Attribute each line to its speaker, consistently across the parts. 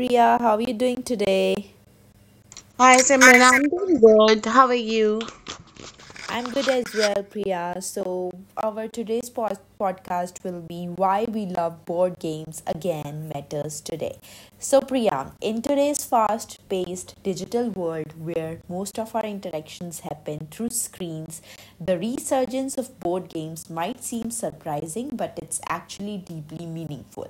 Speaker 1: Priya. How are you doing today?
Speaker 2: Hi Simran,
Speaker 1: Hi, Sim.
Speaker 2: I'm doing good. How are you?
Speaker 1: I'm good as well, Priya. So, our today's podcast will be why we love board games again matters today. So, Priyank, in today's fast paced digital world where most of our interactions happen through screens, the resurgence of board games might seem surprising, but it's actually deeply meaningful.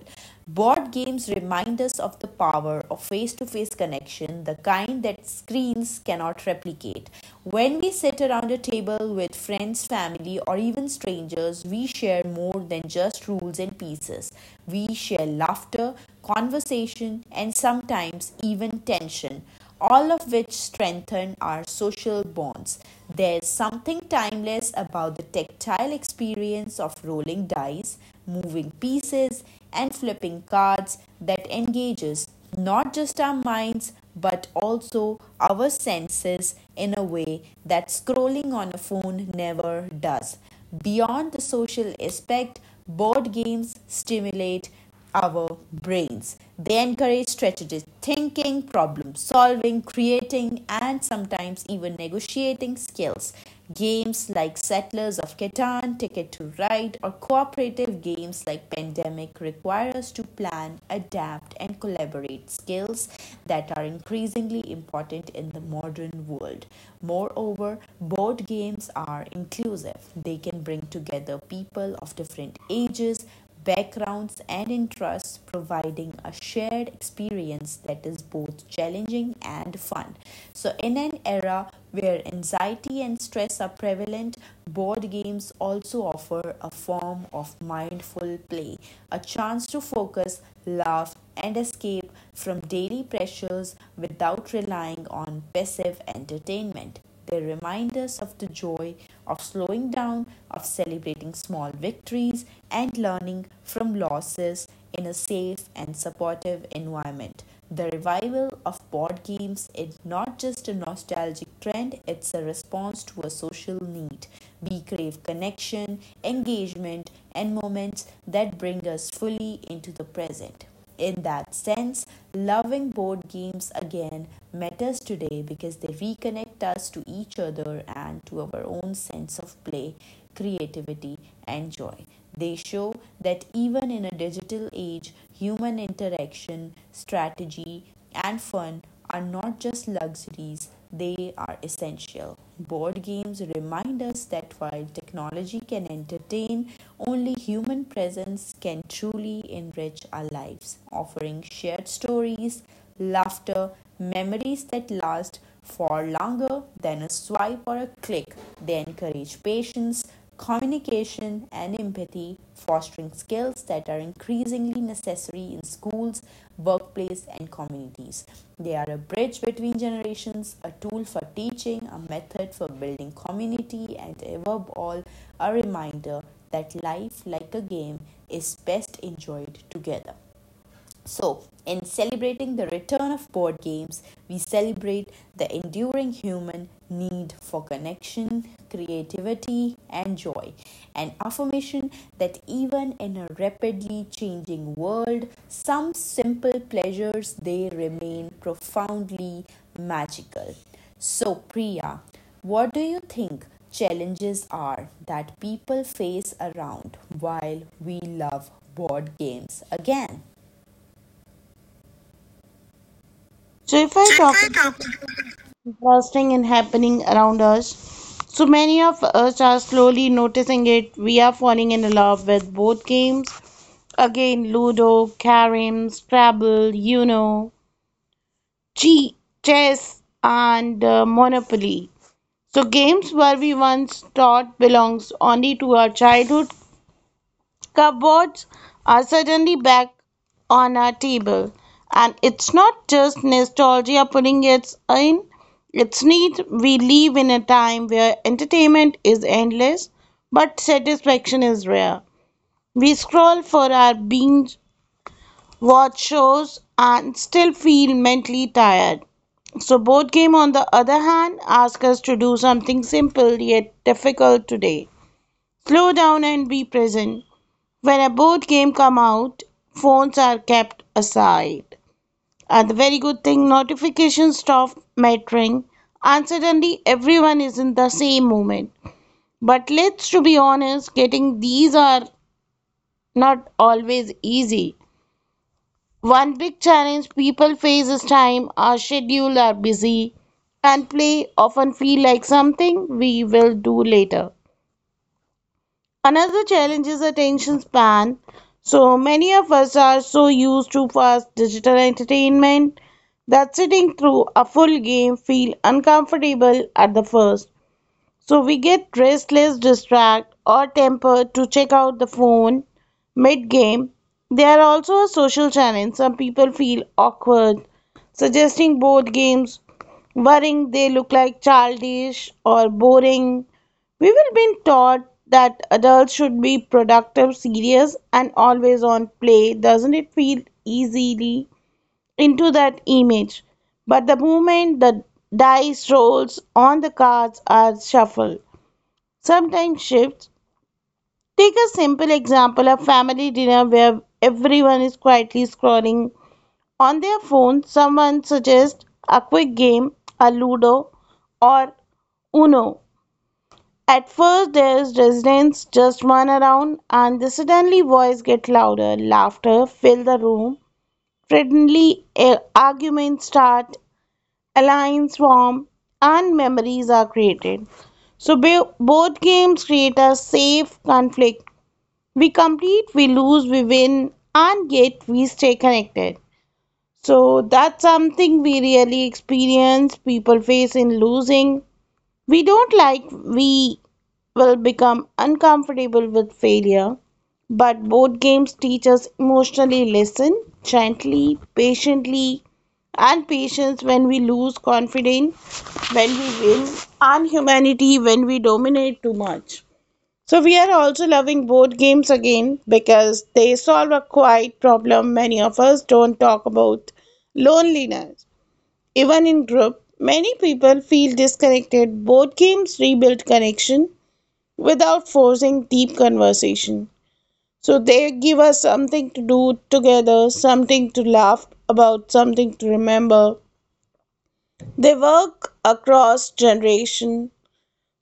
Speaker 1: Board games remind us of the power of face to face connection, the kind that screens cannot replicate. When we sit around a table with friends, family, or even strangers, we share more than just rules and pieces. We share laughter, conversation, and sometimes even tension, all of which strengthen our social bonds. There's something timeless about the tactile experience of rolling dice, moving pieces, and flipping cards that engages not just our minds but also our senses in a way that scrolling on a phone never does. Beyond the social aspect, board games stimulate our brains. They encourage strategic thinking, problem solving, creating, and sometimes even negotiating skills. Games like Settlers of Catan, Ticket to Ride, or cooperative games like Pandemic require us to plan, adapt, and collaborate skills that are increasingly important in the modern world. Moreover, board games are inclusive, they can bring together people of different ages, backgrounds, and interests, providing a shared experience that is both challenging and fun. So, in an era where anxiety and stress are prevalent, board games also offer a form of mindful play, a chance to focus, laugh, and escape from daily pressures without relying on passive entertainment. They remind us of the joy of slowing down, of celebrating small victories, and learning from losses in a safe and supportive environment. The revival of board games is not just a nostalgic trend, it's a response to a social need. We crave connection, engagement, and moments that bring us fully into the present. In that sense, loving board games again matters today because they reconnect us to each other and to our own sense of play, creativity, and joy. They show that even in a digital age, human interaction, strategy, and fun are not just luxuries, they are essential. Board games remind us that while technology can entertain, only human presence can truly enrich our lives, offering shared stories, laughter, memories that last, for longer than a swipe or a click. They encourage patience, communication, and empathy, fostering skills that are increasingly necessary in schools, workplace, and communities. They are a bridge between generations, a tool for teaching, a method for building community, and above all, a reminder that life, like a game, is best enjoyed together. So, in celebrating the return of board games, we celebrate the enduring human need for connection, creativity, and joy, an affirmation that even in a rapidly changing world, some simple pleasures they remain profoundly magical. So, Priya, what do you think challenges are that people face around while we love board games again?
Speaker 2: So, if I talk about interesting and happening around us, so many of us are slowly noticing it. We are falling in love with board games. Again, Ludo, Carom, Scrabble, Uno, Chi- chess, and Monopoly. So, games where we once thought belongs only to our childhood cupboards are suddenly back on our table. And it's not just nostalgia putting it in, it's neat. We live in a time where entertainment is endless, but satisfaction is rare. We scroll for our binge, watch shows, and still feel mentally tired. So, board game, on the other hand, ask us to do something simple yet difficult today. Slow down and be present. When a board game come out, phones are kept aside. And the very good thing, notifications stop mattering, and suddenly everyone is in the same moment. But let's to be honest, getting these are not always easy. One big challenge people face is time. Our schedule are busy, and play often feel like something we will do later. Another challenge is attention span. So many of us are so used to fast digital entertainment that sitting through a full game feel uncomfortable at the first. So we get restless, distract, or tempered to check out the phone mid game. They are also a social challenge. Some people feel awkward, suggesting board games, worrying they look like childish or boring. We will be taught that adults should be productive, serious, and always on play. Doesn't it feel easily into that image? But the moment the dice rolls on the cards are shuffled, sometimes shifts. Take a simple example of family dinner where everyone is quietly scrolling on their phone. Someone suggests a quick game, a Ludo or Uno. At first, there is resonance, just one around, and the suddenly voice get louder. Laughter fill the room. Suddenly, arguments start, alliance form, and memories are created. So, both games create a safe conflict we compete, we lose, we win, and yet we stay connected. So that's something we really experience people face in losing. We don't like, we will become uncomfortable with failure. But board games teach us emotionally listen, gently, patiently, and patience when we lose confidence, when we win, and humanity when we dominate too much. So we are also loving board games again because they solve a quiet problem many of us don't talk about loneliness. Even in group, many people feel disconnected. Board games rebuild connection without forcing deep conversation. So they give us something to do together, something to laugh about, something to remember. They work across generation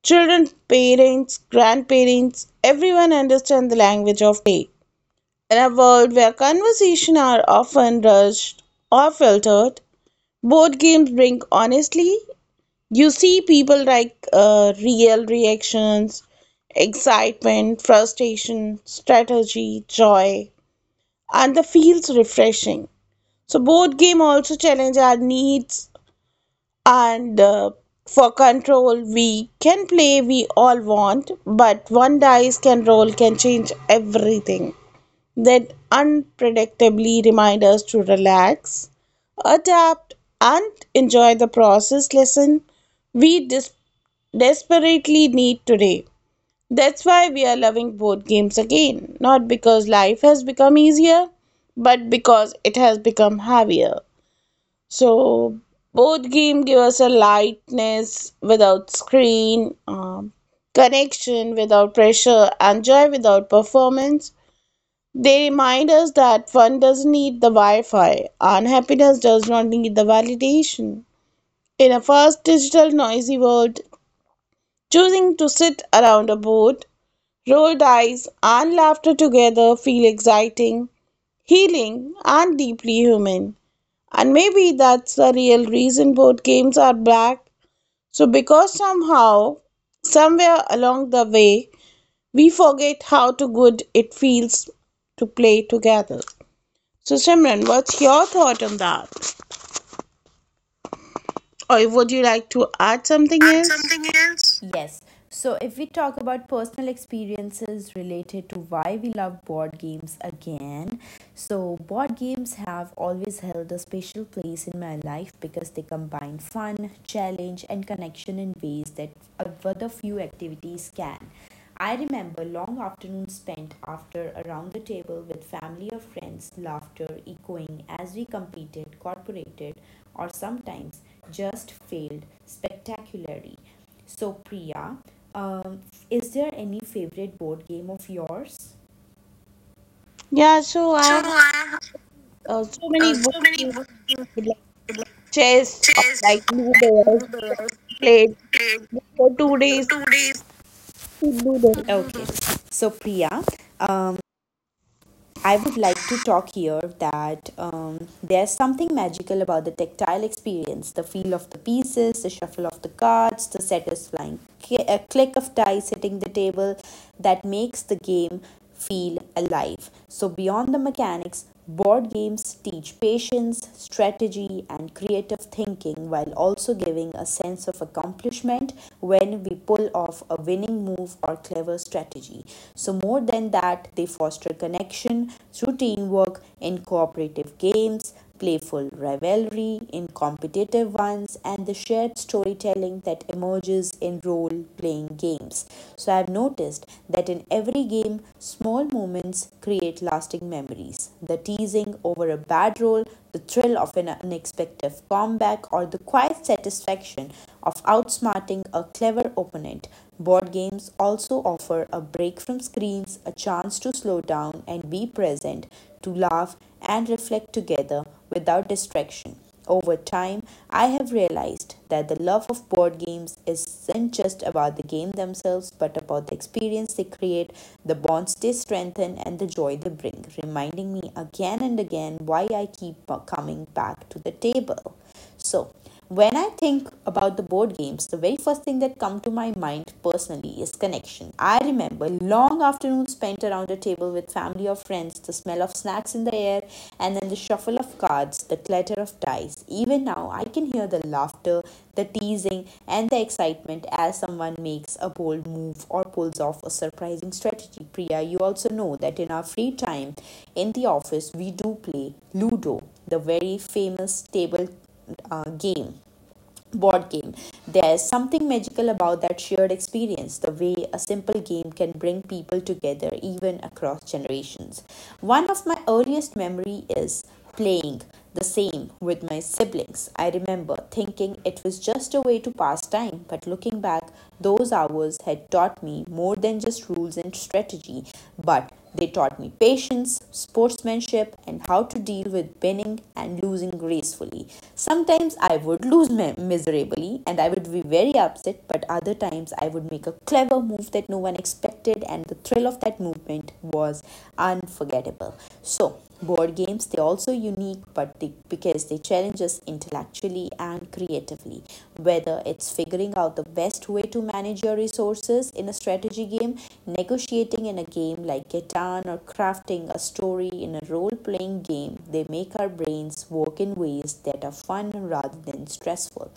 Speaker 2: children, parents, grandparents, everyone understand the language of play. In a world where conversations are often rushed or filtered, board games bring honestly. You see people like real reactions, excitement, frustration, strategy, joy, and the feels refreshing. So board game also challenge our needs and for control we can play we all want, but one dice can roll can change everything, then unpredictably remind us to relax adapt and enjoy the process lesson we desperately need today. That's why we are loving board games again, not because life has become easier, but because it has become heavier. So both game give us a lightness without screen, connection without pressure, and joy without performance. They remind us that fun doesn't need the Wi-Fi, and happiness does not need the validation. In a fast, digital, noisy world, choosing to sit around a board, roll dice, and laughter together feel exciting, healing, and deeply human. And maybe that's the real reason board games are back. So, because somehow, somewhere along the way, we forget how to good it feels to play together. So, Simran, what's your thought on that? Or would you like to add something
Speaker 1: Add
Speaker 2: else?
Speaker 1: something else? Yes. So, if we talk about personal experiences related to why we love board games again, so board games have always held a special place in my life because they combine fun, challenge, and connection in ways that other few activities can. I remember long afternoons spent after around the table with family or friends, laughter echoing as we competed, cooperated, or sometimes just failed spectacularly. So, Priya, is there any favorite board game of yours?
Speaker 2: Yeah, so
Speaker 1: So
Speaker 2: I
Speaker 1: I have
Speaker 2: So many board
Speaker 1: so many
Speaker 2: games
Speaker 1: board games,
Speaker 2: like
Speaker 1: like
Speaker 2: chess or like
Speaker 1: chess or like
Speaker 2: Ludo as we
Speaker 1: Uno,
Speaker 2: also played
Speaker 1: played
Speaker 2: for 2 days.
Speaker 1: 2 days.
Speaker 2: Ludo.
Speaker 1: Okay, so Priya, uh, I would like to talk here that there's something magical about the tactile experience the feel of the pieces, the shuffle of the cards, the satisfying click of dice hitting the table that makes the game feel alive. So, beyond the mechanics, board games teach patience, strategy, and creative thinking while also giving a sense of accomplishment when we pull off a winning move or clever strategy. So, more than that, they foster connection through teamwork in cooperative games playful rivalry in competitive ones, and the shared storytelling that emerges in role playing games. So, I've noticed that in every game, small moments create lasting memories. The teasing over a bad roll, the thrill of an unexpected comeback, or the quiet satisfaction of outsmarting a clever opponent. Board games also offer a break from screens, a chance to slow down and be present to laugh and reflect together without distraction. Over time, I have realized that the love of board games isn't just about the game themselves, but about the experience they create, the bonds they strengthen, and the joy they bring, reminding me again and again why I keep coming back to the table. So, when I think about the board games, the very first thing that comes to my mind personally is connection. I remember long afternoons spent around a table with family or friends, the smell of snacks in the air, and then the shuffle of cards, the clatter of dice. Even now, I can hear the laughter, the teasing, and the excitement as someone makes a bold move or pulls off a surprising strategy. Priya, you also know that in our free time in the office, we do play Ludo, the very famous table game board game. There's something magical about that shared experience, the way a simple game can bring people together even across generations. One of my earliest memory is playing the same with my siblings. I remember thinking it was just a way to pass time, but looking back those hours had taught me more than just rules and strategy, but they taught me patience, sportsmanship, and how to deal with winning and losing gracefully. Sometimes I would lose miserably and I would be very upset, but other times I would make a clever move that no one expected, and the thrill of that movement was unforgettable. So, board games they're also unique but they, because they challenge us intellectually and creatively whether it's figuring out the best way to manage your resources in a strategy game negotiating in a game like Catan or crafting a story in a role-playing game they make our brains work in ways that are fun rather than stressful.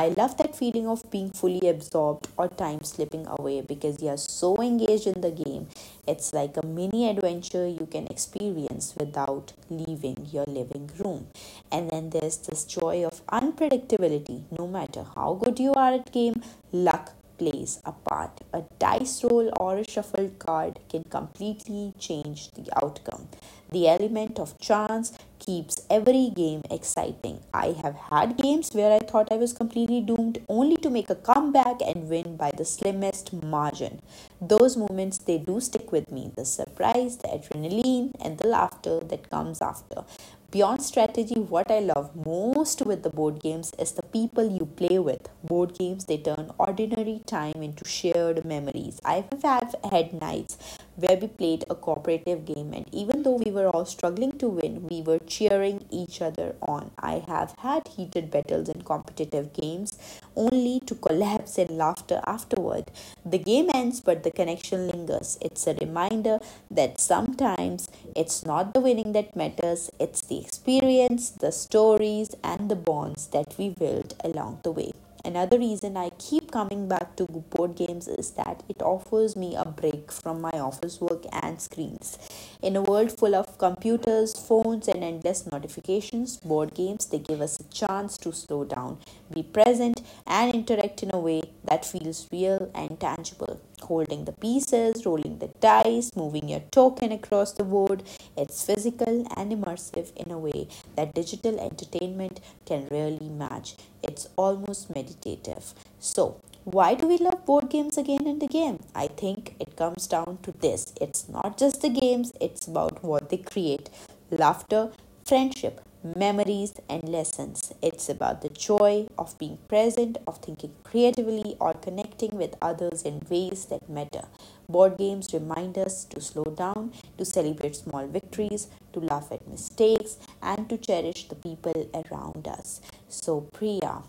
Speaker 1: I love that feeling of being fully absorbed or time slipping away because you are so engaged in the game. It's like a mini adventure you can experience without leaving your living room. And then there's this joy of unpredictability. No matter how good you are at game, luck plays a part. A dice roll or a shuffled card can completely change the outcome. The element of chance keeps every game exciting. I have had games where I thought I was completely doomed only to make a comeback and win by the slimmest margin. Those moments they do stick with me the surprise, the adrenaline, and the laughter that comes after. Beyond strategy, what I love most with the board games is the people you play with. Board games they turn ordinary time into shared memories. I have had nights where we played a cooperative game, and even though we were all struggling to win, we were cheering each other on. I have had heated battles in competitive games only to collapse in laughter afterward. The game ends, but the connection lingers. It's a reminder that sometimes it's not the winning that matters, it's the experience, the stories, and the bonds that we build along the way. Another reason I keep coming back to board games is that it offers me a break from my office work and screens. In a world full of computers, phones, and endless notifications, board games they give us a chance to slow down, be present, and interact in a way that feels real and tangible holding the pieces, rolling the dice, moving your token across the board. It's physical and immersive in a way that digital entertainment can rarely match. It's almost meditative. So, why do we love board games again and again? I think it comes down to this it's not just the games, it's about what they create laughter, friendship, memories, and lessons. It's about the joy of being present, of thinking creatively, or connecting with others in ways that matter. Board games remind us to slow down, to celebrate small victories, to laugh at mistakes, and to cherish the people around us. So, Priya,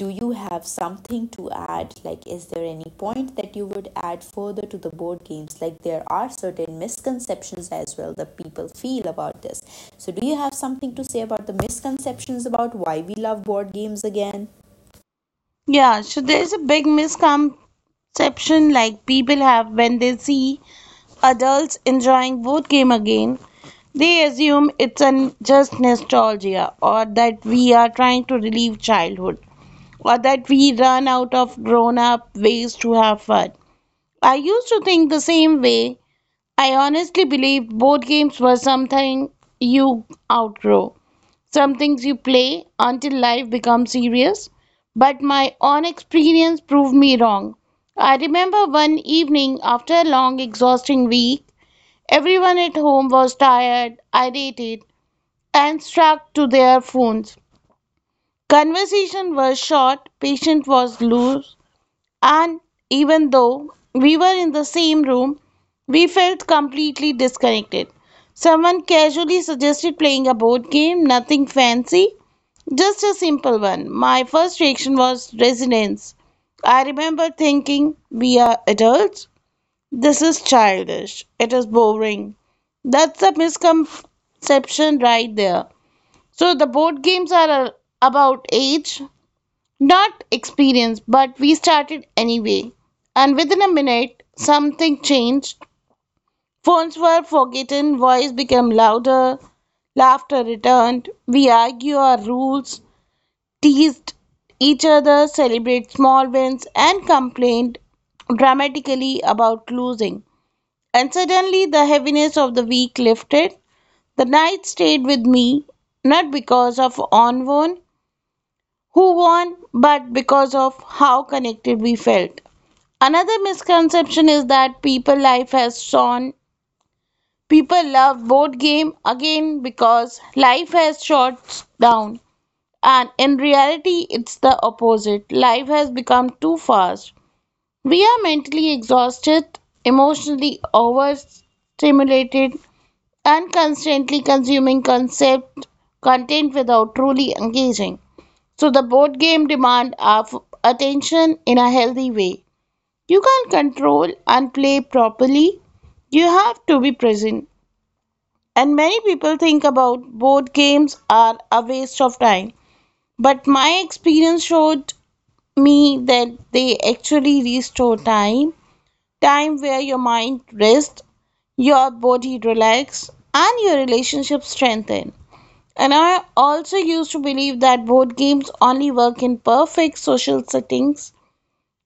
Speaker 1: do you have something to add like is there any point that you would add further to the board games like there are certain misconceptions as well that people feel about this so do you have something to say about the misconceptions about why we love board games again
Speaker 2: Yeah, so there's a big misconception like people have when they see adults enjoying board game again. They assume it's an just nostalgia or that we are trying to relive childhood or that we run out of grown-up ways to have fun. I used to think the same way. I honestly believed board games were something you outgrow. Some things you play until life becomes serious, but my own experience proved me wrong. I remember one evening after a long, exhausting week, everyone at home was tired, irritated, and struck to their phones. Conversation was short, patience was loose, and even though we were in the same room, we felt completely disconnected. Someone casually suggested playing a board game, nothing fancy, just a simple one. My first reaction was resonance. I remember thinking, we are adults? This is childish. It is boring. That's a misconception right there. So the board games are about age, not experience, but we started anyway. And within a minute, something changed. Phones were forgotten, voice became louder, laughter returned. We argue our rules, teased each other, celebrate small wins, and complained dramatically about losing. And suddenly, the heaviness of the week lifted. The night stayed with me, not because of who won, but because of how connected we felt. Another misconception is that people life has shown people love board game again because life has shot down. And in reality, it's the opposite. Life has become too fast, we are mentally exhausted, emotionally overstimulated, and constantly consuming concept content without truly engaging. So the board game demand our attention in a healthy way. You can't control and play properly. You have to be present. And many people think about board games are a waste of time. But my experience showed me that they actually restore time, time where your mind rests, your body relax, and your relationship strengthen. And I also used to believe that board games only work in perfect social settings,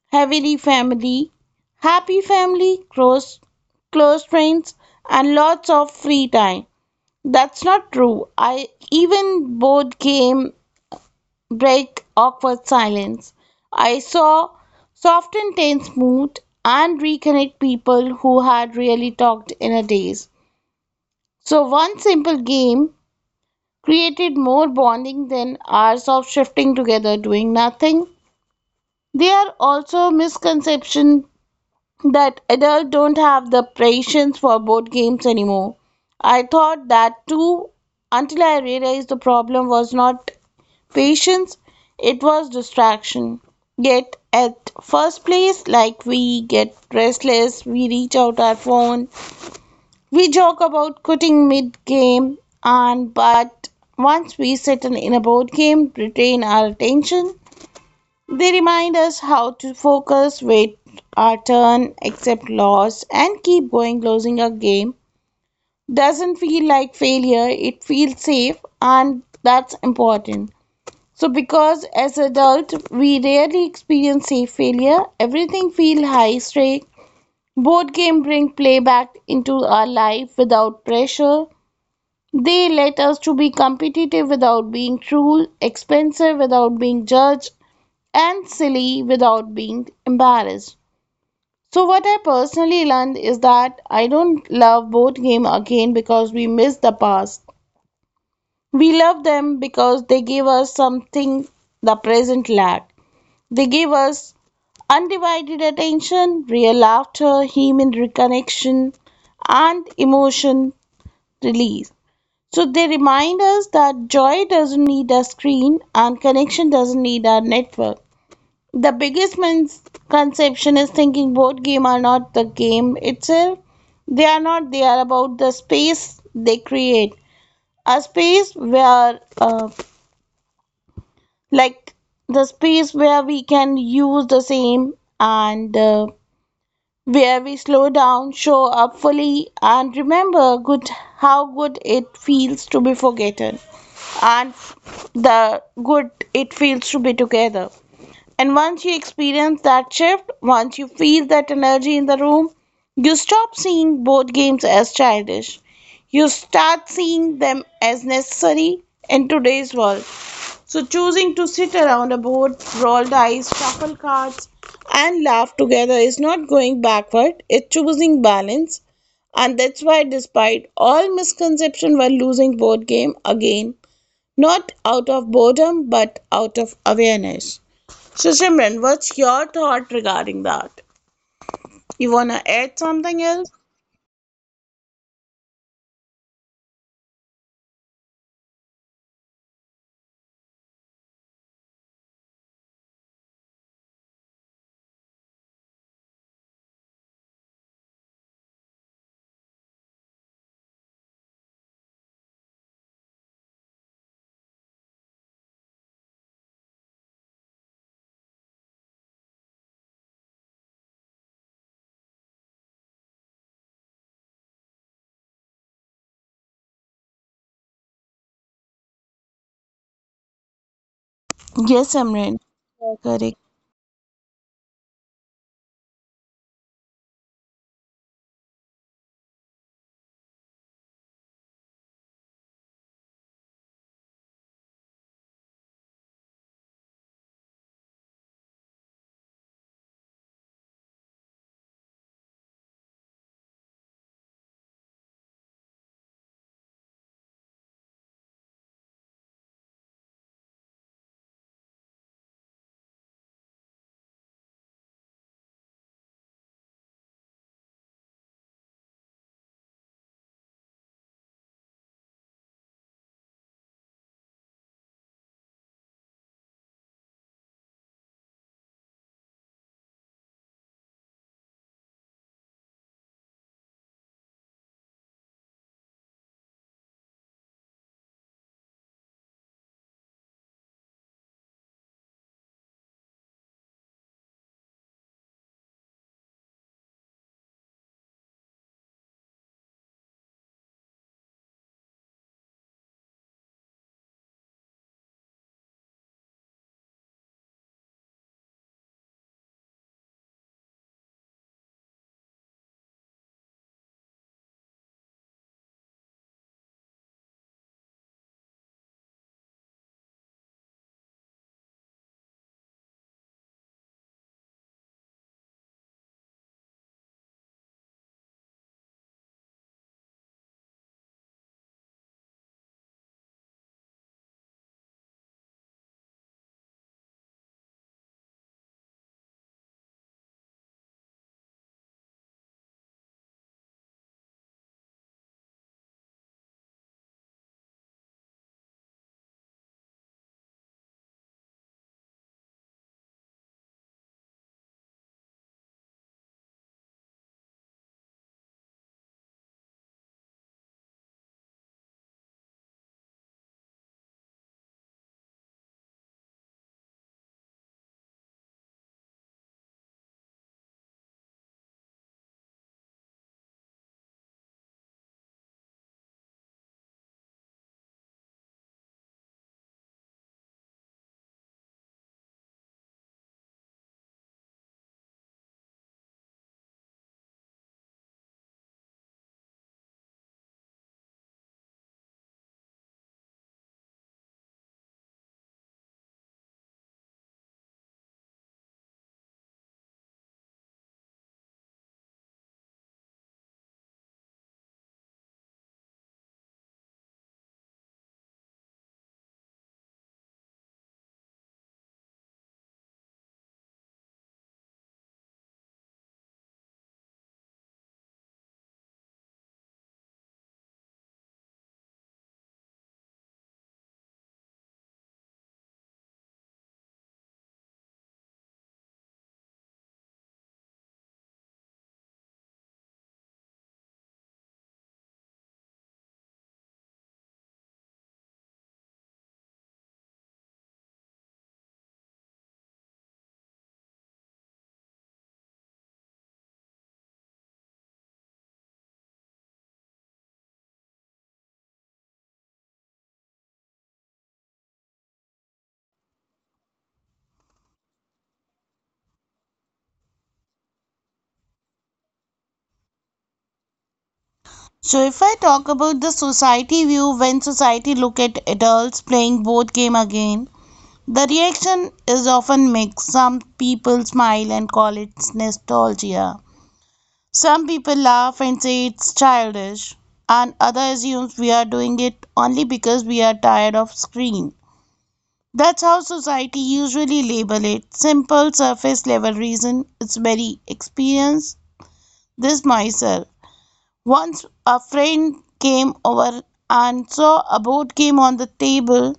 Speaker 2: heavily family, happy family, close friends, and lots of free time. That's not true. I even board game break awkward silence. I saw soften tense mood and reconnect people who had really talked in a days. So one simple game created more bonding than hours of shifting together doing nothing. There are also misconceptions that adults don't have the patience for board games anymore. I thought that too until I realized the problem was not patience, it was distraction. Yet at first place, like we get restless, we reach out our phone, we joke about quitting mid game, and but once we settle in a board game, retain our attention. They remind us how to focus, wait our turn, accept loss, and keep going. Losing a game doesn't feel like failure, it feels safe, and that's important. So, because as adults we rarely experience safe failure, everything feels high stake. Board game bring play back into our life without pressure. They let us to be competitive without being cruel, expensive without being judged, and silly without being embarrassed. So what I personally learned is that I don't love board game again because we miss the past. We love them because they give us something the present lacked. They give us undivided attention, real laughter, human reconnection, and emotion release. So they remind us that joy doesn't need a screen and connection doesn't need a network. The biggest misconception is thinking board game are not the game itself. They are not. They are about the space they create. A space where, like the space where we can use the same and where we slow down, show up fully, and remember good how good it feels to be forgotten, and the good it feels to be together. And once you experience that shift, once you feel that energy in the room, you stop seeing board games as childish. You start seeing them as necessary in today's world. So, choosing to sit around a board, roll dice, shuffle cards, and laugh together is not going backward, it's choosing balance. And that's why, despite all misconception while losing board game, again, not out of boredom but out of awareness. So, Simran, what's your thought regarding that? You wanna add something else? Yes, Simran. Yeah, correct. So if I talk about the society view, when society look at adults playing board game again, the reaction is often mixed. Some people smile and call it nostalgia. Some people laugh and say it's childish, and others assume we are doing it only because we are tired of screen. That's how society usually label it. Simple surface level reason. It's very experience. This myself. Once a friend came over and saw a board game on the table.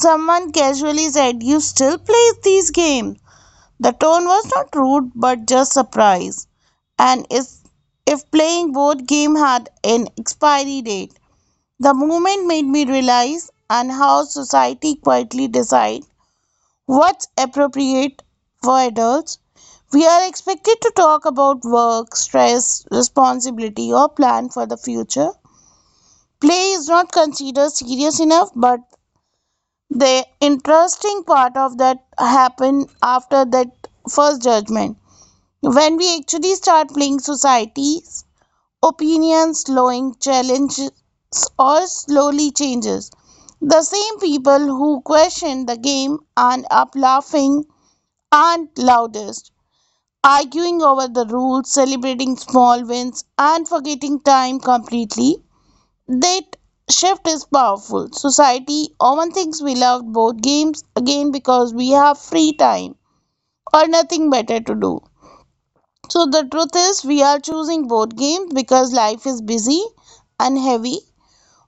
Speaker 2: Someone casually said, "You still play these games?" The tone was not rude but just surprise. And if playing board game had an expiry date. The moment made me realize and how society quietly decide what's appropriate for adults. We are expected to talk about work, stress, responsibility or plan for the future. Play is not considered serious enough, but the interesting part of that happened after that first judgment. When we actually start playing, society's opinions slowing challenges or slowly changes. The same people who question the game and up laughing aren't loudest arguing over the rules, celebrating small wins, and forgetting time completely. That shift is powerful. Society often thinks we love board games again because we have free time or nothing better to do. So the truth is, we are choosing board games because life is busy and heavy.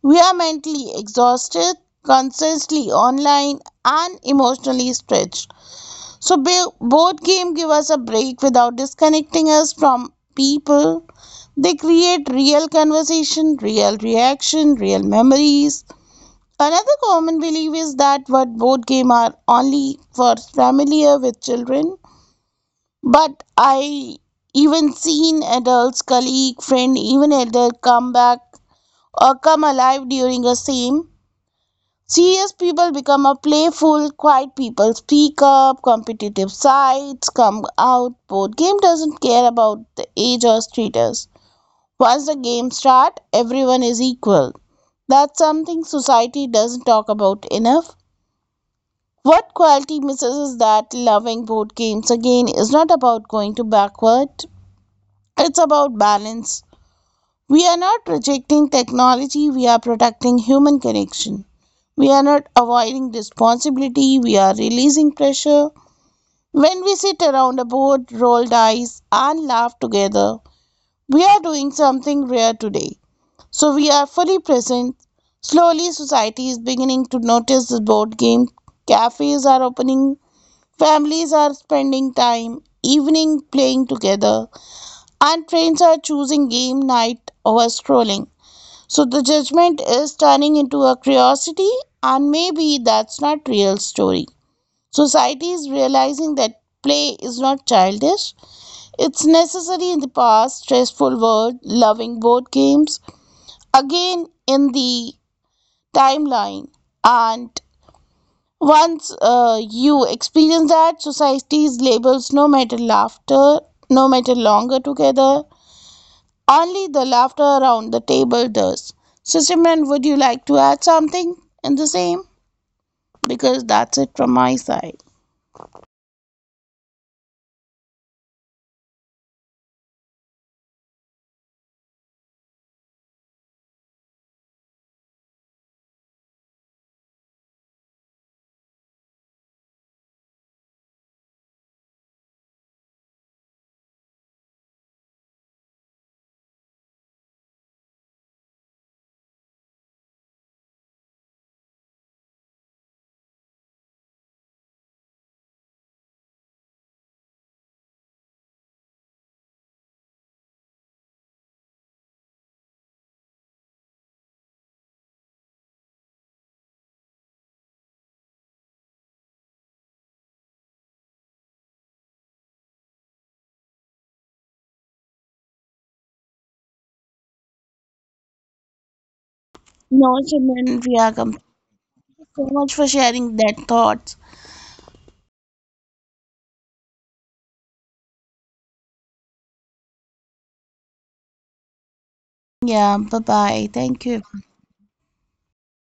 Speaker 2: We are mentally exhausted, constantly online, and emotionally stretched. So board game give us a break without disconnecting us from people. They create real conversation, real reaction, real memories. Another common belief is that what board game are only for familiar with children. But I even seen adults, colleague, friend, even elder come back or come alive during a same. Serious people become a playful, quiet people speak up, competitive sides come out. Board game doesn't care about the age or status. Once the game start, everyone is equal. That's something society doesn't talk about enough. What quality misses is that loving board games again is not about going to backward. It's about balance. We are not rejecting technology, we are protecting human connection. We are not avoiding responsibility, we are releasing pressure. When we sit around a board, roll dice, and laugh together, we are doing something rare today. So we are fully present. Slowly, society is beginning to notice the board game. Cafes are opening, families are spending time, evening playing together and friends are choosing game night over scrolling. So the judgment is turning into a curiosity, and maybe that's not real story. Society is realizing that play is not childish. It's necessary in the past stressful world, loving board games. Again in the timeline, and once you experience that, society's labels no matter laughter, no matter longer together, only the laughter around the table does. So, Simran, would you like to add something in the same? Because that's it from my side. No, Simran, Priya, thank you so much for sharing that thoughts. Yeah, bye bye. Thank you.